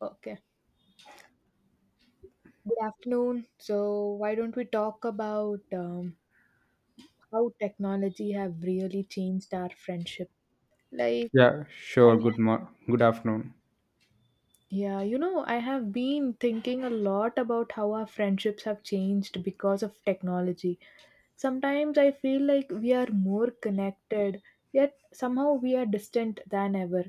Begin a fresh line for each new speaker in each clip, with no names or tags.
Okay. Good afternoon. So, why don't we talk about how technology have really changed our friendship? Like,
Yeah,
I
sure.
have,
Good afternoon.
I have been thinking a lot about how our friendships have changed because of technology. Sometimes I feel like we are more connected, yet somehow we are distant than ever.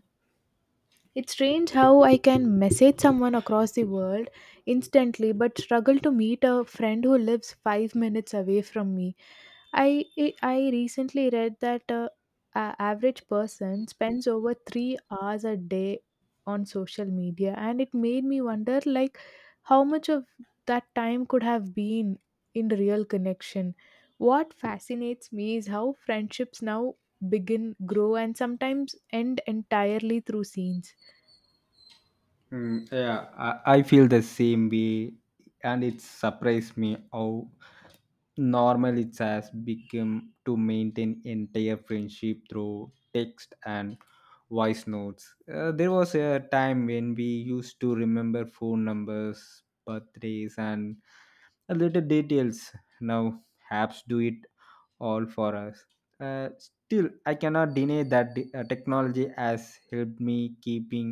It's strange how I can message someone across the world instantly but struggle to meet a friend who lives 5 minutes away from me. I recently read that a average person spends over 3 hours a day on social media, and it made me wonder like how much of that time could have been in real connection. What fascinates me is how friendships now begin, grow, and sometimes end entirely through scenes.
Yeah, I feel the same way, and it surprised me how normal it has become to maintain entire friendship through text and voice notes. There was a time when we used to remember phone numbers, birthdays, and a little details. Now apps do it all for us. Still, I cannot deny that technology has helped me keeping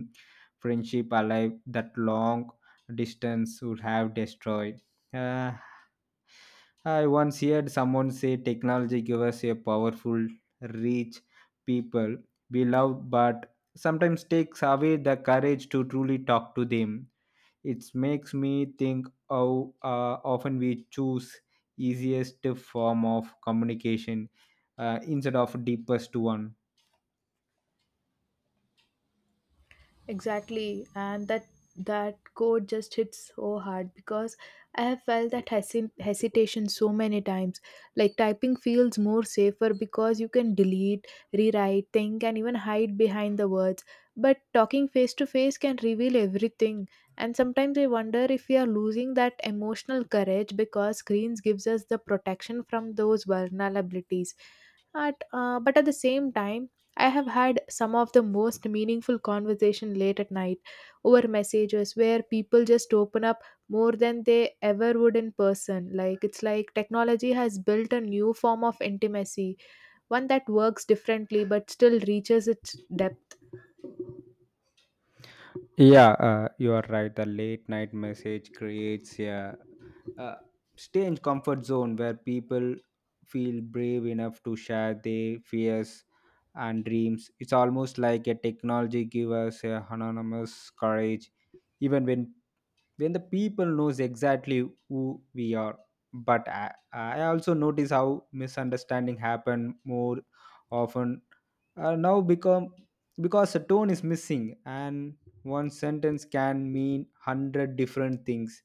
friendship alive that long distance would have destroyed. Uh, I once heard someone say technology gives us a powerful reach people we love, but sometimes takes away the courage to truly talk to them. It makes me think how often we choose easiest form of communication instead of deepest one.
Exactly, and that code just hits so hard because I have felt that hesitation so many times. Like typing feels more safer because you can delete, rewrite, think, and even hide behind the words. But talking face to face can reveal everything. And sometimes I wonder if we are losing that emotional courage because screens gives us the protection from those vulnerabilities. At but at the same time I have had some of the most meaningful conversation late at night over messages where people just open up more than they ever would in person. Like it's like technology has built a new form of intimacy, one that works differently but still reaches its depth.
Yeah, you are right. The late night message creates a strange comfort zone where people feel brave enough to share their fears and dreams. It's almost like a technology gives us a anonymous courage, even when the people knows exactly who we are, but I also notice how misunderstanding happen more often, now become, because a tone is missing and one sentence can mean 100 different things.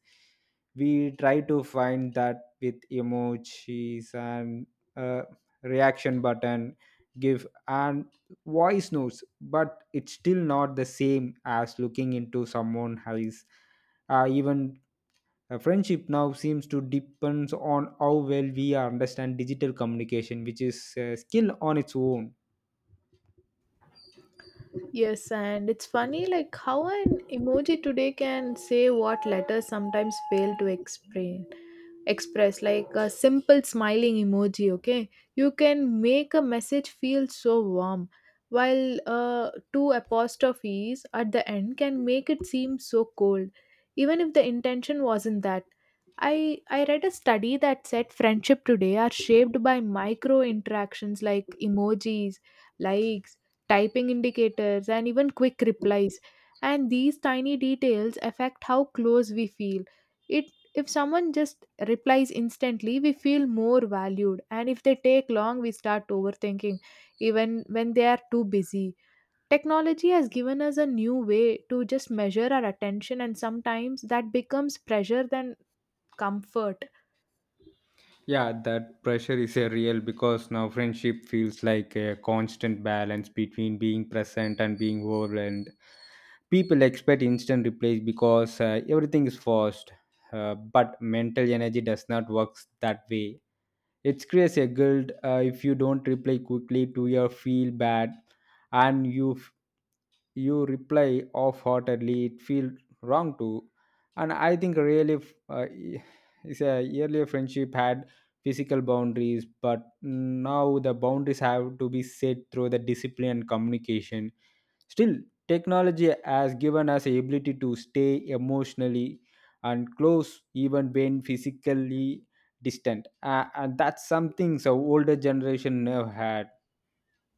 We try to find that with emojis and, uh, reaction button give, and voice notes, but it's still not the same as looking into someone eyes. Even a friendship now seems to depends on how well we understand digital communication, which is a skill on its own.
Yes, and it's funny like how an emoji today can say what letters sometimes fail to explain. Express like a simple smiling emoji, okay, you can make a message feel so warm while two apostrophes at the end can make it seem so cold even if the intention wasn't that. I i read a study that said friendship today are shaped by micro interactions like emojis, likes, typing indicators, and even quick replies, and these tiny details affect how close we feel. It If someone just replies instantly we feel more valued, and if they take long we start overthinking even when they are too busy. Technology has given us a new way to just measure our attention, and sometimes that becomes pressure than comfort.
Yeah, that pressure is a real because now friendship feels like a constant balance between being present and being overwhelmed. People expect instant replies because everything is fast, but mental energy does not work that way. It creates a guilt, if you don't reply quickly to your feel bad, and you reply off-heartedly it feel wrong too. And I think really, uh, it's a earlier friendship had physical boundaries, but now the boundaries have to be set through the discipline and communication. Still, technology has given us the ability to stay emotionally and close even when physically distant, and that's something so older generation never had.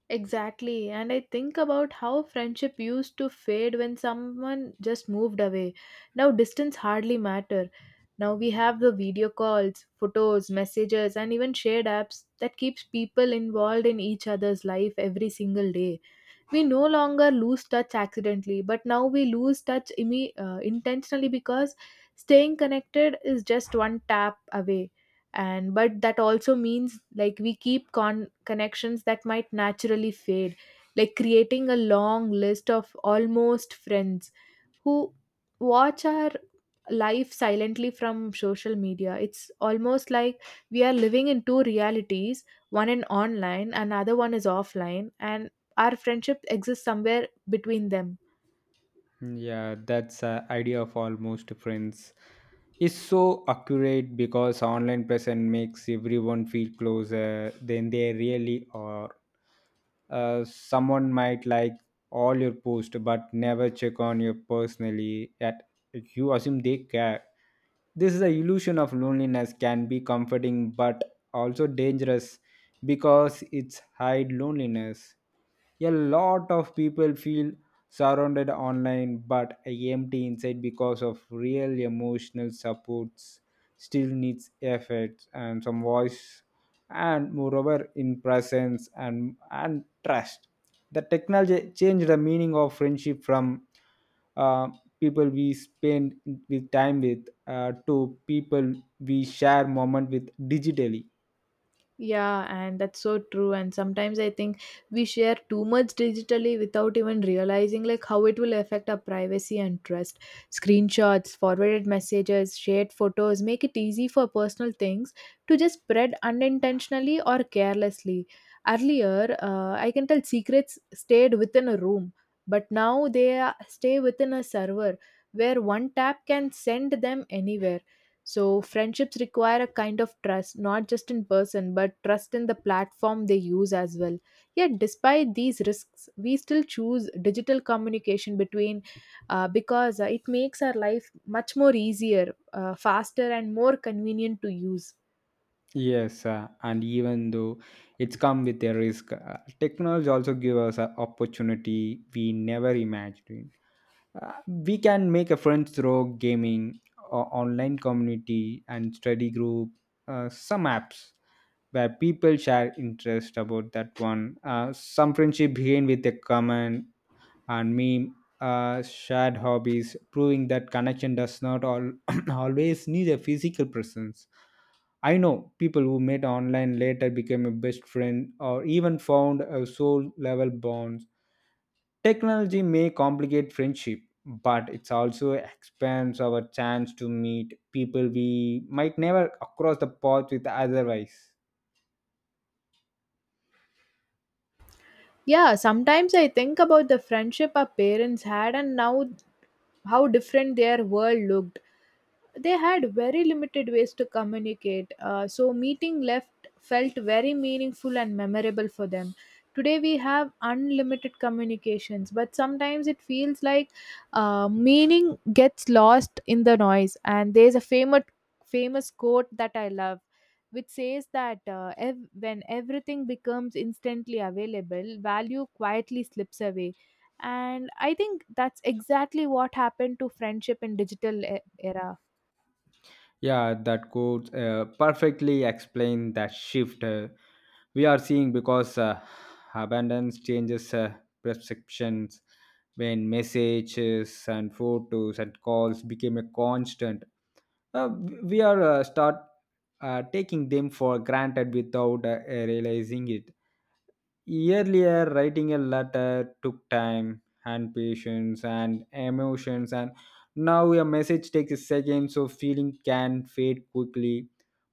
Exactly. And I think about how friendship used to fade when someone just moved away. Now distance hardly matter. Now we have the video calls, photos, messages, and even shared apps that keeps people involved in each other's life every single day. We no longer lose touch accidentally, but now we lose touch intentionally because staying connected is just one tap away. And but that also means like we keep connections that might naturally fade, like creating a long list of almost friends who watch our life silently from social media. It's almost like we are living in two realities, one in online, and another one is offline, and our friendship exists somewhere between them.
Yeah, that's idea of almost friends is so accurate because online presence makes everyone feel closer than they really are. Someone might like all your posts but never check on you personally. That you assume they care. This is the illusion of loneliness can be comforting but also dangerous because it's hide loneliness. A lot of people feel surrounded online but empty inside because of real emotional supports still needs effort and some voice, and moreover in presence and trust. The technology changed the meaning of friendship from, uh, people we spend with time with, to people we share moment with digitally.
Yeah, and that's so true. And sometimes I think we share too much digitally without even realizing like how it will affect our privacy and trust. Screenshots, forwarded messages, shared photos make it easy for personal things to just spread unintentionally or carelessly. Earlier, I can tell secrets stayed within a room, but now they are- stay within a server where one tap can send them anywhere. So, friendships require a kind of trust, not just in person, but trust in the platform they use as well. Yet, despite these risks, we still choose digital communication between because it makes our life much more easier, faster, and more convenient to use.
Yes, and even though it's come with a risk, technology also gives us an opportunity we never imagined. We can make a friends through gaming, or online community, and study group. Some apps where people share interest about that one. Some friendship begin with a comment and meme, shared hobbies, proving that connection does not all always need a physical presence. I know people who met online later became a best friend or even found a soul level bonds. Technology may complicate friendship, but it also expands our chance to meet people we might never cross the path with otherwise.
Yeah, sometimes I think about the friendship our parents had and now how different their world looked. They had very limited ways to communicate, so meeting left felt very meaningful and memorable for them. Today we have unlimited communications, but sometimes it feels like meaning gets lost in the noise. And there's a famous quote that I love, which says that when everything becomes instantly available, value quietly slips away. And I think that's exactly what happened to friendship in digital era.
Yeah, that quote perfectly explain that shift, we are seeing because, abundance changes, perceptions, when messages and photos and calls became a constant, uh, we are, start, taking them for granted without, realizing it. Earlier, writing a letter took time and patience and emotions, and now a message takes seconds, so feeling can fade quickly.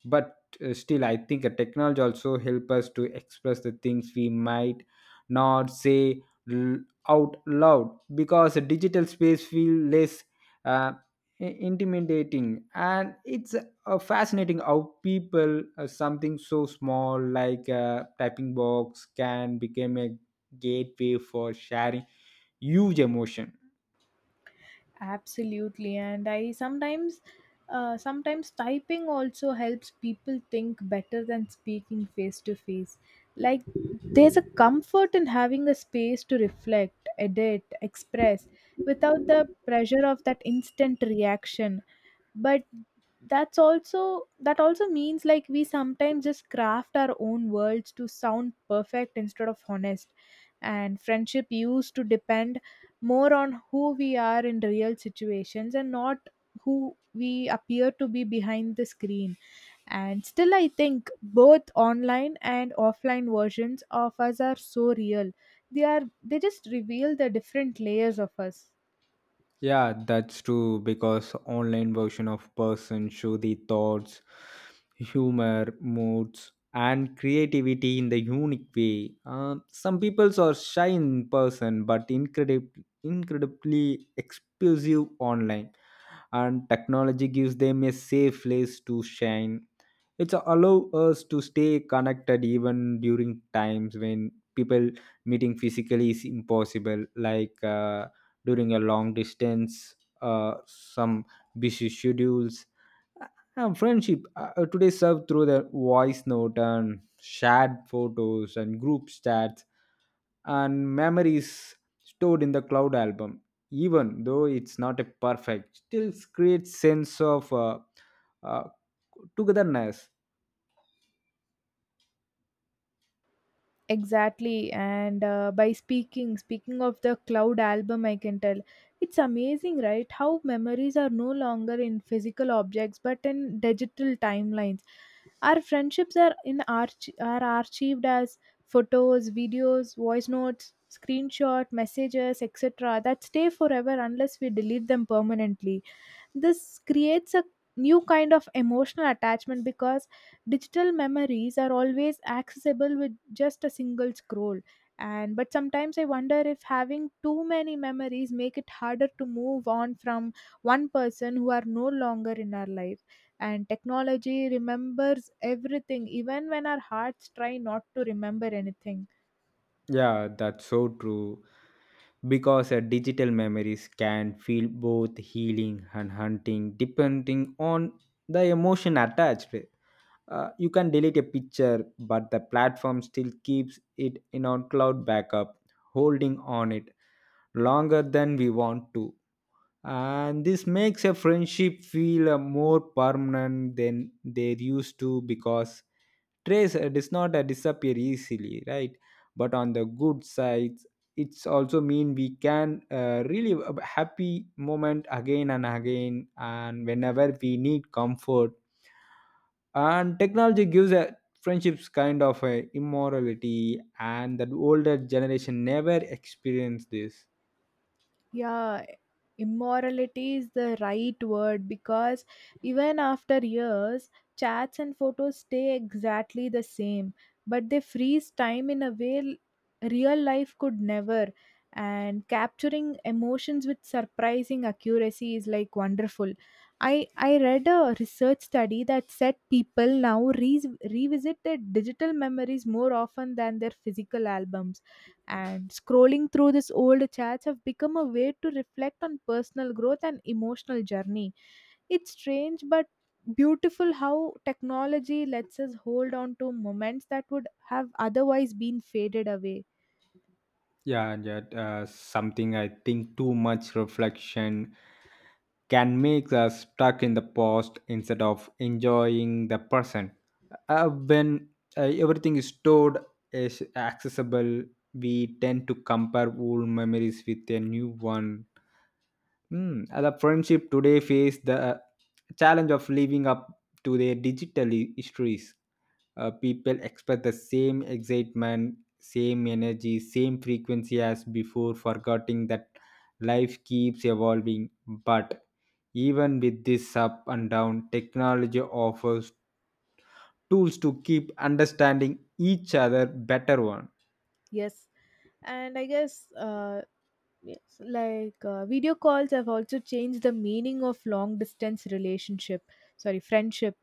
But, still I think a technology also help us to express the things we might not say l- out loud because a digital space feel less, uh, intimidating. And it's, fascinating how people, something so small like a typing box can become a gateway for sharing huge emotion.
Absolutely, and I sometimes sometimes typing also helps people think better than speaking face to face. Like, there's a comfort in having a space to reflect, edit, express without the pressure of that instant reaction. But that also means like we sometimes just craft our own worlds to sound perfect instead of honest. And friendship used to depend more on who we are in real situations and not who we appear to be behind the screen. And still I think both online and offline versions of us are so real. They are they just reveal the different layers of us.
Yeah, that's true, because online version of person show the thoughts, humor, moods, and creativity in the unique way. Some peoples are shy in person but incredibly explosive online, and technology gives them a safe place to shine. It's allow us to stay connected even during times when people meeting physically is impossible, like, during a long distance, some busy schedules. Uh, and friendship, today served through the voice note and shared photos and group chats and memories stored in the cloud album. Even though it's not a perfect, still creates sense of, uh, togetherness.
Exactly, and by speaking speaking of the cloud album, I can tell it's amazing, right, how memories are no longer in physical objects but in digital timelines. Our friendships are are archived as photos, videos, voice notes, screenshot messages, etc. that stay forever unless we delete them permanently. This creates a new kind of emotional attachment because digital memories are always accessible with just a single scroll. And but sometimes I wonder if having too many memories make it harder to move on from one person who are no longer in our life. And technology remembers everything even when our hearts try not to remember anything.
Yeah, that's so true. Because a digital memories can feel both healing and hunting depending on the emotion attached. You can delete a picture, but the platform still keeps it in our cloud backup, holding on it longer than we want to. And this makes a friendship feel, more permanent than they used to, because trace, does not, disappear easily, right? But on the good side, it's also mean we can, really a happy moment again and again, and whenever we need comfort. And technology gives a friendships kind of a immorality, and the older generation never experienced this.
Yeah, immorality is the right word because even after years, chats and photos stay exactly the same, but they freeze time in a way real life could never. And capturing emotions with surprising accuracy is like wonderful. I read a research study that said people now revisit their digital memories more often than their physical albums, and scrolling through these old chats have become a way to reflect on personal growth and emotional journey. It's strange but beautiful how technology lets us hold on to moments that would have otherwise been faded away.
Yeah, and yet, something I think too much reflection can make us stuck in the past instead of enjoying the present. When, everything is stored is accessible, we tend to compare old memories with a new one. Hmm. The friendship today face the, challenge of living up to their digital histories. People expect the same excitement, same energy, same frequency as before, forgetting that life keeps evolving. But even with this up and down, technology offers tools to keep understanding each other better one.
Yes, and I guess yes, like video calls have also changed the meaning of long distance relationship, sorry, friendship.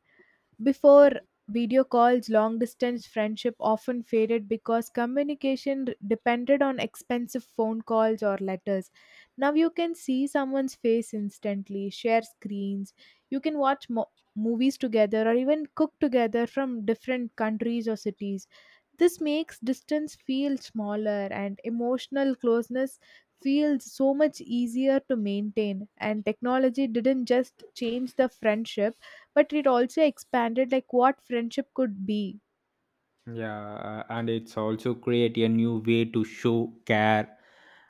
Before video calls, long distance friendship often faded because communication depended on expensive phone calls or letters. Now you can see someone's face instantly, share screens, you can watch movies together, or even cook together from different countries or cities. This makes distance feel smaller and emotional closeness feels so much easier to maintain. And technology didn't just change the friendship but it also expanded like what friendship could be.
Yeah, and it's also create a new way to show care,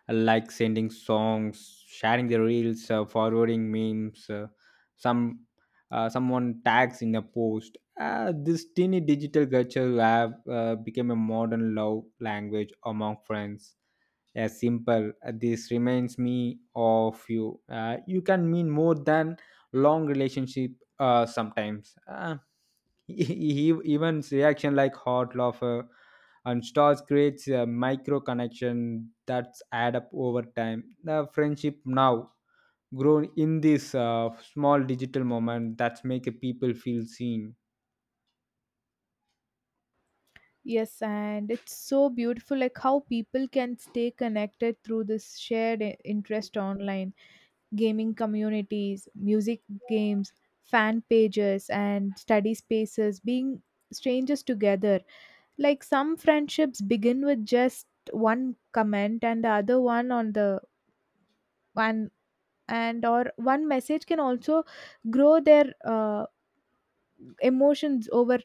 like sending songs, sharing the reels, forwarding memes, some someone tags in a post. This teeny digital culture have, become a modern love language among friends. Yeah, simple. This reminds me of you. You can mean more than long relationship, sometimes. Even reaction like hot lava and stars creates a micro connection that's add up over time. The friendship now grown in this, small digital moment that's make a people feel seen.
Yes, and it's so beautiful like how people can stay connected through this shared interest online, gaming communities, music, games, fan pages, and study spaces, being strangers together. Like, some friendships begin with just one comment and the other one on the one, and or one message can also grow their emotions over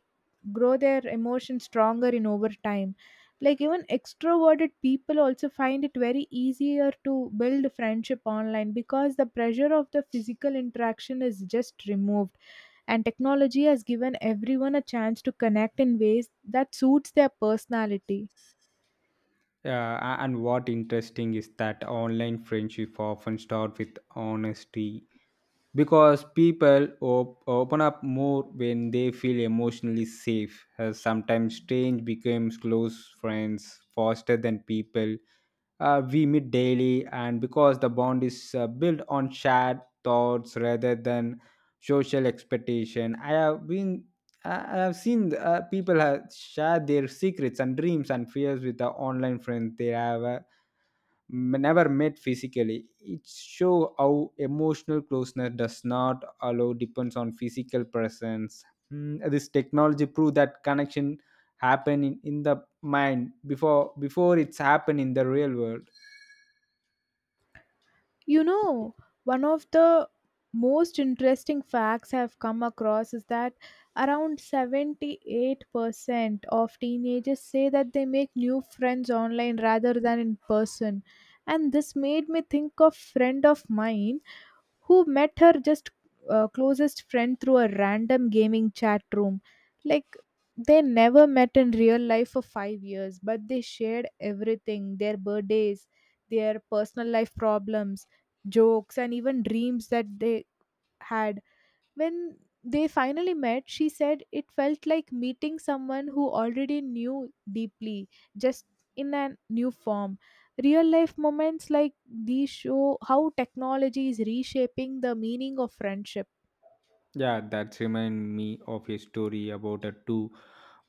grow their emotions stronger in over time. Like even extroverted people also find it very easier to build friendship online because the pressure of the physical interaction is just removed, and technology has given everyone a chance to connect in ways that suits their personality.
Uh, and what interesting is that online friendship often start with honesty, because people open up more when they feel emotionally safe, as sometimes strange becomes close friends faster than people, we meet daily, and because the bond is, built on shared thoughts rather than social expectation. I have seen, people have share their secrets and dreams and fears with the online friends they have, never met physically. It show how emotional closeness does not allow depends on physical presence. Mm, this technology prove that connection happen in the mind before it's happen in the real world.
You know, one of the most interesting facts I've come across is that around 78% of teenagers say that they make new friends online rather than in person. And this made me think of friend of mine who met her just closest friend through a random gaming chat room. Like, they never met in real life for 5 years, but they shared everything, their birthdays, their personal life problems, jokes, and even dreams that they had. When they finally met, she said it felt like meeting someone who already knew deeply, just in a new form. Real life moments like these show how technology is reshaping the meaning of friendship.
Yeah, that remind me of a story about a two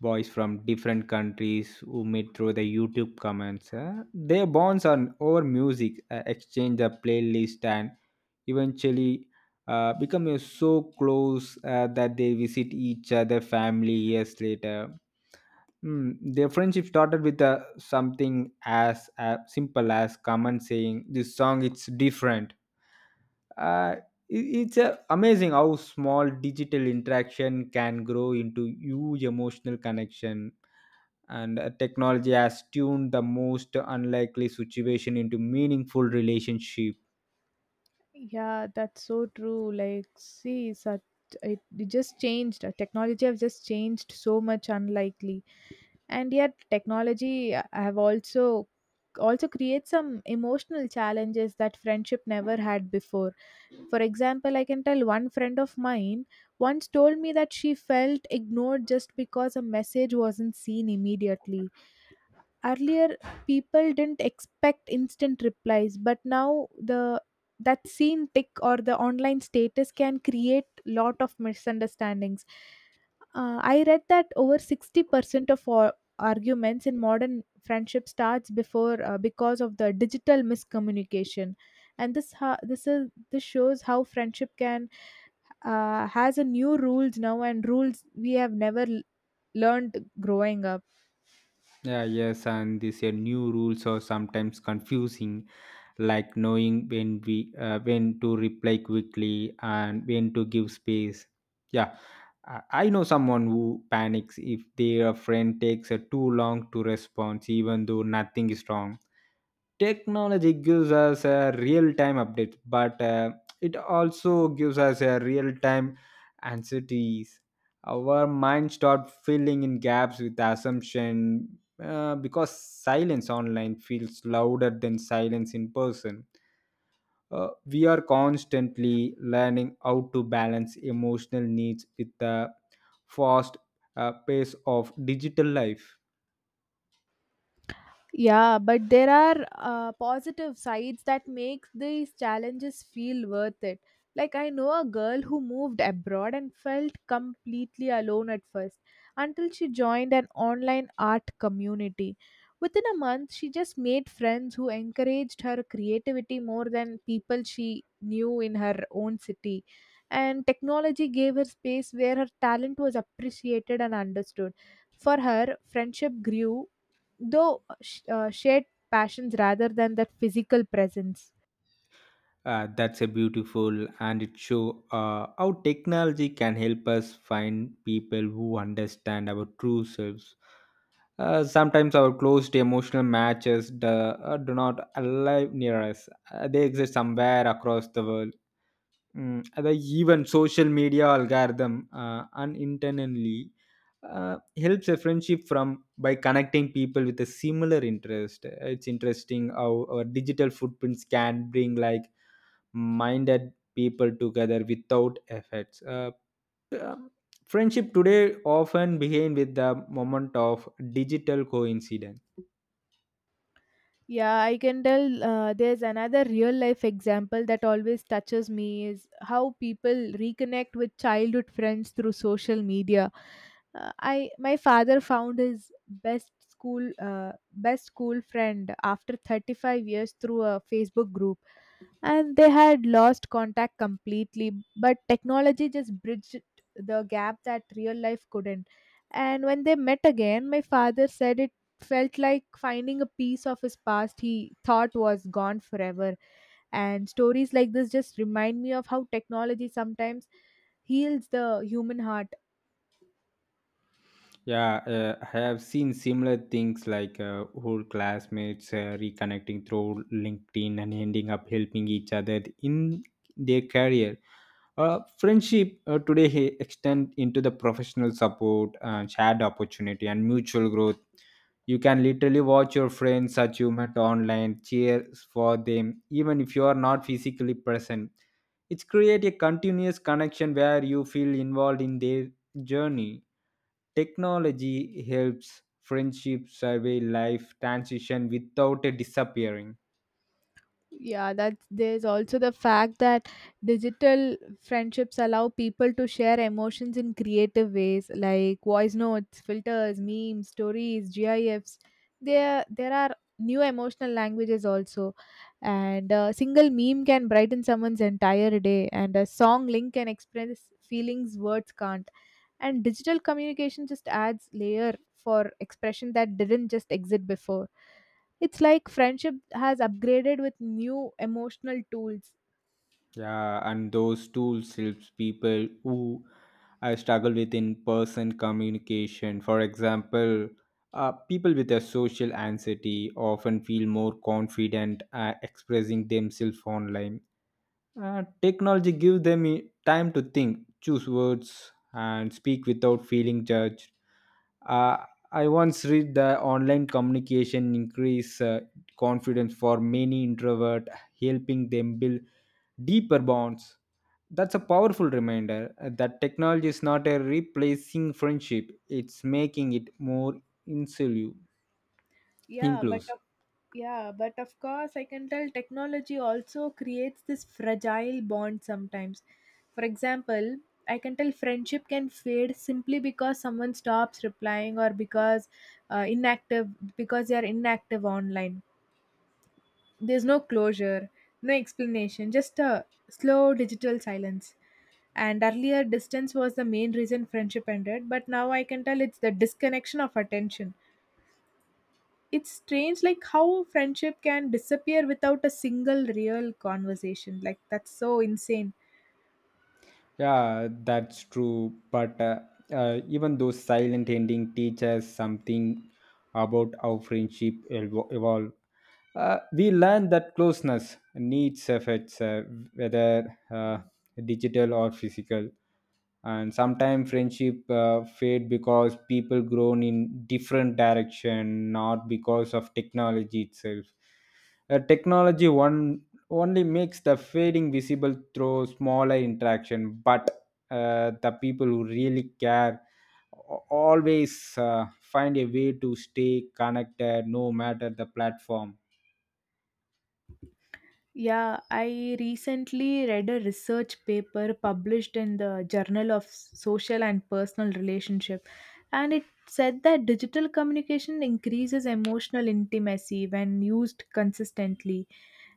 boys from different countries who met through the youtube comments. Their bonds are over music, exchange the playlist, and eventually, become so close, that they visit each other family years later. Hmm, their friendship started with, something as, simple as common saying, "This song, it's different." Uh, it's, amazing how small digital interaction can grow into huge emotional connection, and, technology has tuned the most unlikely situation into meaningful relationship.
Yeah, that's so true. Like, see, such it just changed. Technology have just changed so much, unlikely. And yet technology have also also create some emotional challenges that friendship never had before. For example, I can tell one friend of mine once told me that she felt ignored just because a message wasn't seen immediately. Earlier people didn't expect instant replies, but now the that scene tick or the online status can create lot of misunderstandings. I read that over 60% of all arguments in modern friendship starts before because of the digital miscommunication. And this ha- this is this shows how friendship can has a new rules now, and rules we have never learned growing up.
Yeah, yes, and these, new rules are sometimes confusing, like knowing when we, when to reply quickly and when to give space. Yeah, I know someone who panics if their friend takes, too long to respond, even though nothing is wrong. Technology gives us a real time update, but, it also gives us a real time anxieties. Our mind start filling in gaps with assumption, because silence online feels louder than silence in person. Uh, we are constantly learning how to balance emotional needs with the fast, pace of digital life.
Yeah, but there are positive sides that make these challenges feel worth it. Like, I know a girl who moved abroad and felt completely alone at first until she joined an online art community. Within a month, she just made friends who encouraged her creativity more than people she knew in her own city. And technology gave her space where her talent was appreciated and understood. For her, friendship grew though shared passions rather than that physical presence.
That's a beautiful, and it show, how technology can help us find people who understand our true selves. Sometimes our closed emotional matches do, do not arrive near us. They exist somewhere across the world. Mm, the even social media algorithm, unintentionally, helps a friendship from by connecting people with a similar interest. It's interesting how our digital footprints can bring like minded people together without effects. P- um, Friendship today often begin with the moment of digital coincidence.
Yeah, I can tell there's another real life example that always touches me is how people reconnect with childhood friends through social media. I my father found his best school friend after 35 years through a Facebook group, and they had lost contact completely, but technology just bridged the gap that real life couldn't. And when they met again, my father said it felt like finding a piece of his past he thought was gone forever. And stories like this just remind me of how technology sometimes heals the human heart.
Yeah, I have seen similar things like, old classmates, reconnecting through LinkedIn and ending up helping each other in their career. Friendship, extend into the professional support and shared opportunity and mutual growth. You can literally watch your friends that online, cheer for them, even if you are not physically present. It's create a continuous connection where you feel involved in their journey. Technology helps friendship survey life transition without a disappearing.
Yeah, that there's also the fact that digital friendships allow people to share emotions in creative ways like voice notes, filters, memes, stories, gifs. There are new emotional languages also. And a single meme can brighten someone's entire day, and a song link can express feelings words can't. And digital communication just adds layer for expression that didn't just exist before. It's like friendship has upgraded with new emotional tools.
Yeah, and those tools helps people who I struggle with in-person communication. For example, people with a social anxiety often feel more confident expressing themselves online. Technology gives them time to think, choose words, and speak without feeling judged. Uh, I once read that online communication increase confidence for many introvert, helping them build deeper bonds. That's a powerful reminder that technology is not a replacing friendship; it's making it more inclusive.
Yeah, but
Inclusive.
of, yeah, but of course, I can tell technology also creates this fragile bond sometimes. For example, I can tell friendship can fade simply because someone stops replying or uh, inactive because they are inactive online. There's no closure, no explanation, just a slow digital silence. And earlier, distance was the main reason friendship ended, but now I can tell it's the disconnection of attention. It's strange, like how friendship can disappear without a single real conversation. Like, that's so insane.
Yeah, that's true. But even though silent ending teaches something about how friendship evolve, we learn that closeness needs effects, whether digital or physical. And sometimes friendship fade because people grown in different direction, not because of technology itself. Technology one only makes the fading visible through smaller interaction but the people who really care a- always find a way to stay connected no matter the platform.
Yeah, I recently read a research paper published in the Journal of Social and Personal Relationship, and it said that digital communication increases emotional intimacy when used consistently.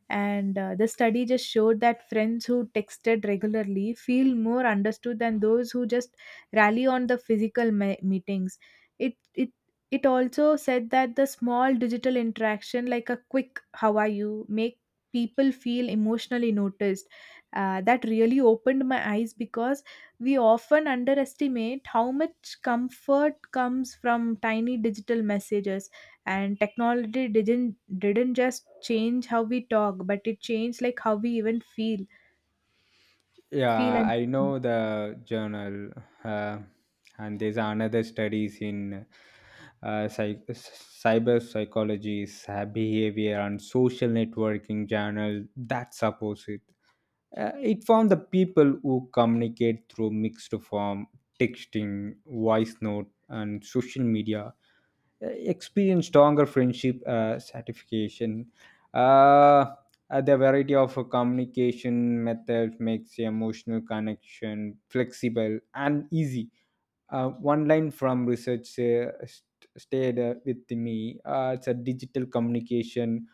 And the study just showed that friends who texted regularly feel more understood than those who just rally on the physical meetings. It it it also said that the small digital interaction, like a quick "How are you," make people feel emotionally noticed. That really opened my eyes because we often underestimate how much comfort comes from tiny digital messages, and technology didn't just change how we talk, but it changed like how we even feel feel
Yeah,
and
I
see.
know the journal, uh, and there's another studies in uh, cyber psychology, behavior, and social networking journal that supports it. It found the people who communicate through mixed form, texting, voice note, and social media experience stronger friendship satisfaction. Uh, the variety of communication methods makes the emotional connection flexible and easy. One line from research uh, stayed with me. It's a digital communication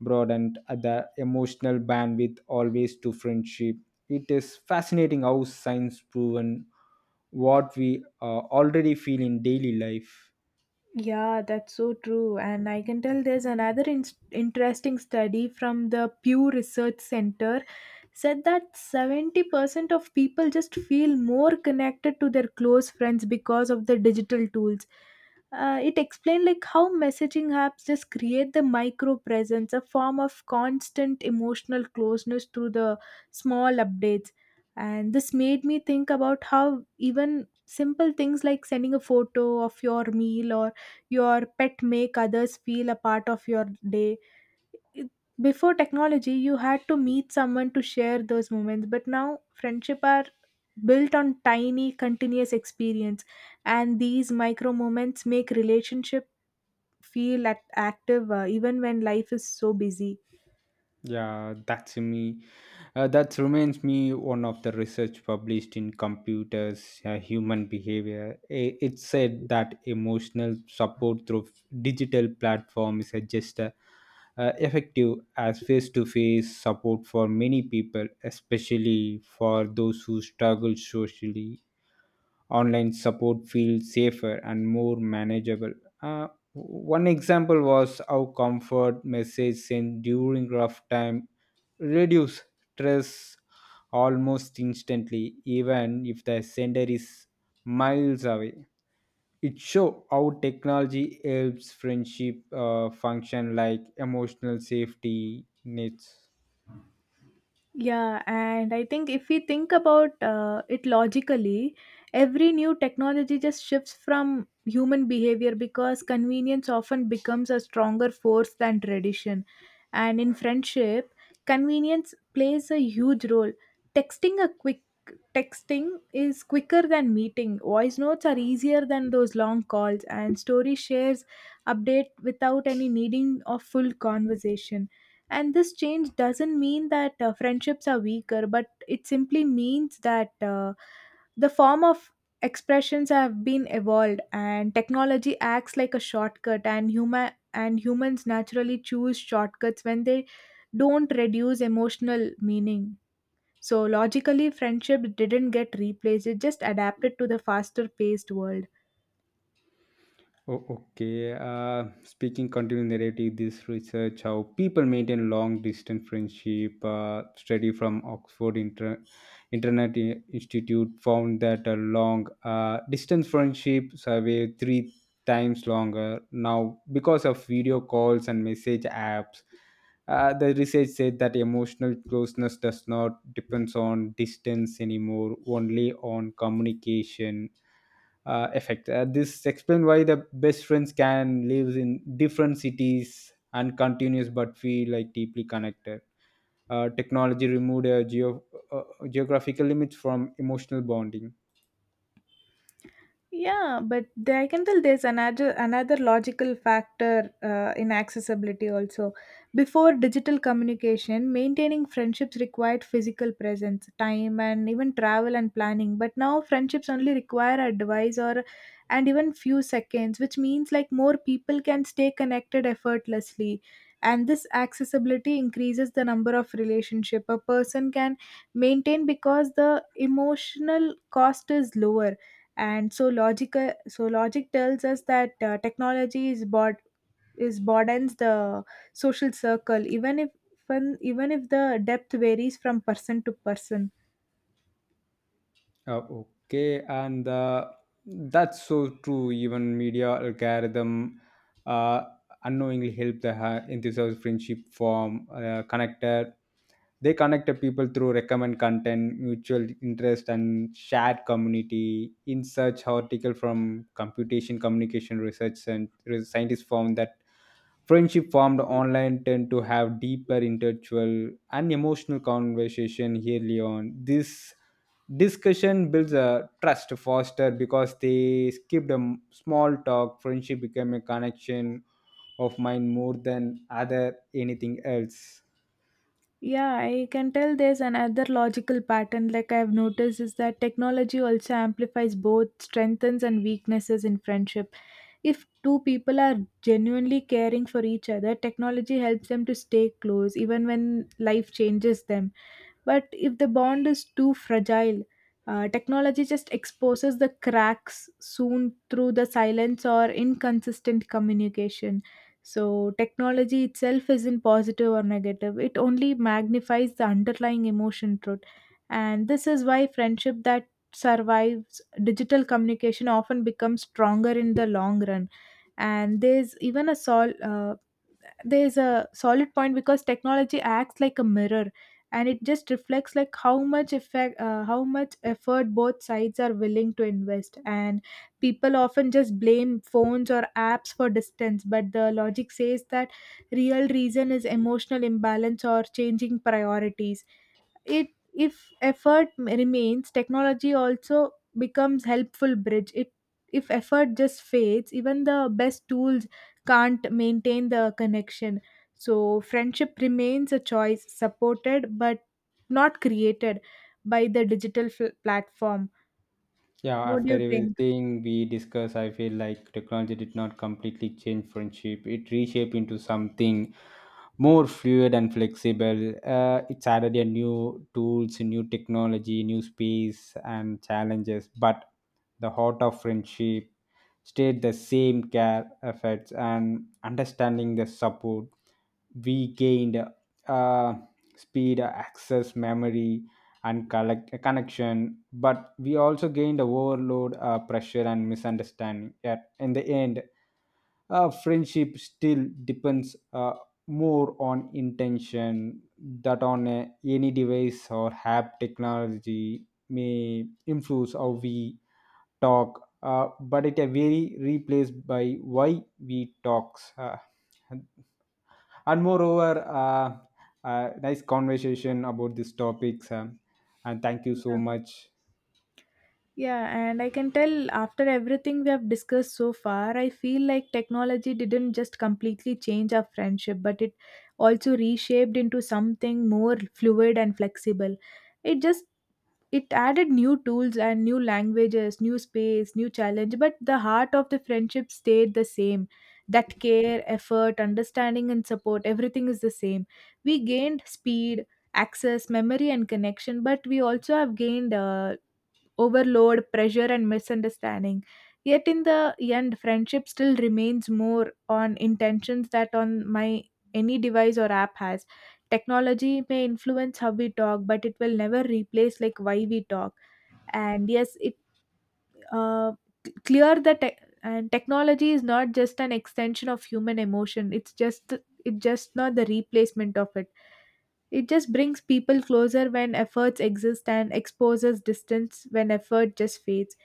broadened the emotional bandwidth always to friendship. It is fascinating how science proven what we already feel in daily life.
Yeah, that's so true. And I can tell there's another interesting study from the Pew Research Center said that 70% of people just feel more connected to their close friends because of the digital tools. It explained like how messaging apps just create the micro presence, a form of constant emotional closeness through the small updates. And this made me think about how even simple things like sending a photo of your meal or your pet make others feel a part of your day. It- Before technology you had to meet someone to share those moments, but now friendship are built on tiny continuous experience, and these micro moments make relationship feel at active, even when life is so busy.
Yeah, that's me. That reminds me one of the research published in Computers Human Behavior. It said that emotional support through digital platforms is just effective as face-to-face support for many people, especially for those who struggle socially online support feels safer and more manageable. Uh, One example was how comfort message sent during rough time reduce stress almost instantly, even if the sender is miles away. It show how technology helps friendship function like emotional safety nets.
Yeah, and I think if we think about it logically, every new technology just shifts from human behavior because convenience often becomes a stronger force than tradition. And in friendship, convenience plays a huge role. Texting a quick texting is quicker than meeting. Voice notes are easier than those long calls, and story shares update without any needing of full conversation. And this change doesn't mean that friendships are weaker, but it simply means that the form of expressions have been evolved, and technology acts like a shortcut, and humans naturally choose shortcuts when they don't reduce emotional meaning. So logically, friendship didn't get replaced; it just adapted to the faster-paced world.
Oh, okay. Speaking continuing narrative, this research how people maintain long distance friendship. Study from Oxford Internet Institute found that a long distance friendship are three times longer now because of video calls and message apps. The research said that emotional closeness does not depends on distance anymore, only on communication effect. This explains why the best friends can live in different cities and continues but feel like deeply connected. Technology removed a uh, geographical limits from emotional bonding.
Yeah, but there, I can tell there's another logical factor in accessibility also. Before digital communication, maintaining friendships required physical presence, time, and even travel and planning. But now friendships only require advice or and even few seconds, which means like more people can stay connected effortlessly. And this accessibility increases the number of relationship a person can maintain because the emotional cost is lower. And so logic tells us that technology is bod is broadens the social circle even if when, even if the depth varies from person to person.
Okay, and that's so true. Even media algorithm uh, unknowingly help the enthusiast friendship form connected. They connect the people through recommend content, mutual interest, and shared community. In such article from computation communication research and scientists found that friendship formed online tend to have deeper intellectual and emotional conversation early on. This discussion builds a trust foster because they skip the small talk friendship became a connection of mine more than other anything else.
Yeah, I can tell there's another logical pattern like I've noticed is that technology also amplifies both strengths and weaknesses in friendship. If two people are genuinely caring for each other, technology helps them to stay close even when life changes them. But if the bond is too fragile, technology just exposes the cracks soon through the silence or inconsistent communication. So, technology itself isn't positive or negative, it only magnifies the underlying emotion truth. And this is why friendship that survives digital communication often becomes stronger in the long run. And there's a solid point because technology acts like a mirror, and it just reflects like how much effort both sides are willing to invest. And people often just blame phones or apps for distance, but the logic says that real reason is emotional imbalance or changing priorities. It if effort remains, technology also becomes helpful bridge. It if effort just fades, even the best tools can't maintain the connection. So friendship remains a choice supported but not created by the digital platform.
Yeah,
What do
after
you think?
everything we discuss I feel like technology did not completely change friendship, it reshaped into something more fluid and flexible. It's added a new tools, new technology, new space and challenges, but the heart of friendship stayed the same care efforts and understanding the support we gained uh, speed, access, memory, and connection. But we also gained a overload, pressure, and misunderstanding. Yet in the end, friendship still depends more on intention that on any device or app technology may influence how we talk but it very replaced by why we talks, and moreover nice conversation about these topics, and thank you so much.
Yeah, and I can tell after everything we have discussed so far, I feel like technology didn't just completely change our friendship, but it also reshaped into something more fluid and flexible. It just it added new tools and new languages, new space, new challenge, but the heart of the friendship stayed the same. That care, effort, understanding and support, everything is the same. We gained speed, access, memory and connection, but we also have gained overload, pressure, and misunderstanding. Yet, in the end, friendship still remains more on intentions that on my any device or app has. Technology may influence how we talk, but it will never replace like why we talk. And yes, it uh, c- clear that te- and technology is not just an extension of human emotion. It's just not the replacement of it. It just brings people closer when efforts exist and exposes distance when effort just fades.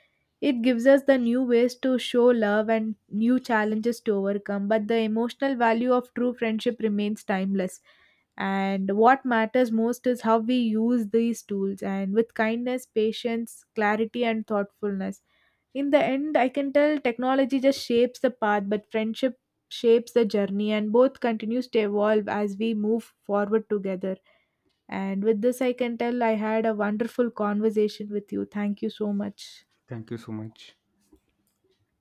It gives us the new ways to show love and new challenges to overcome, but the emotional value of true friendship remains timeless. And what matters most is how we use these tools and with kindness, patience, clarity and thoughtfulness. In the end, I can tell technology just shapes the path, but friendship shapes the journey, and both continues to evolve as we move forward together. And with this, I can tell I had a wonderful conversation with you. Thank you so much.
Thank you so much.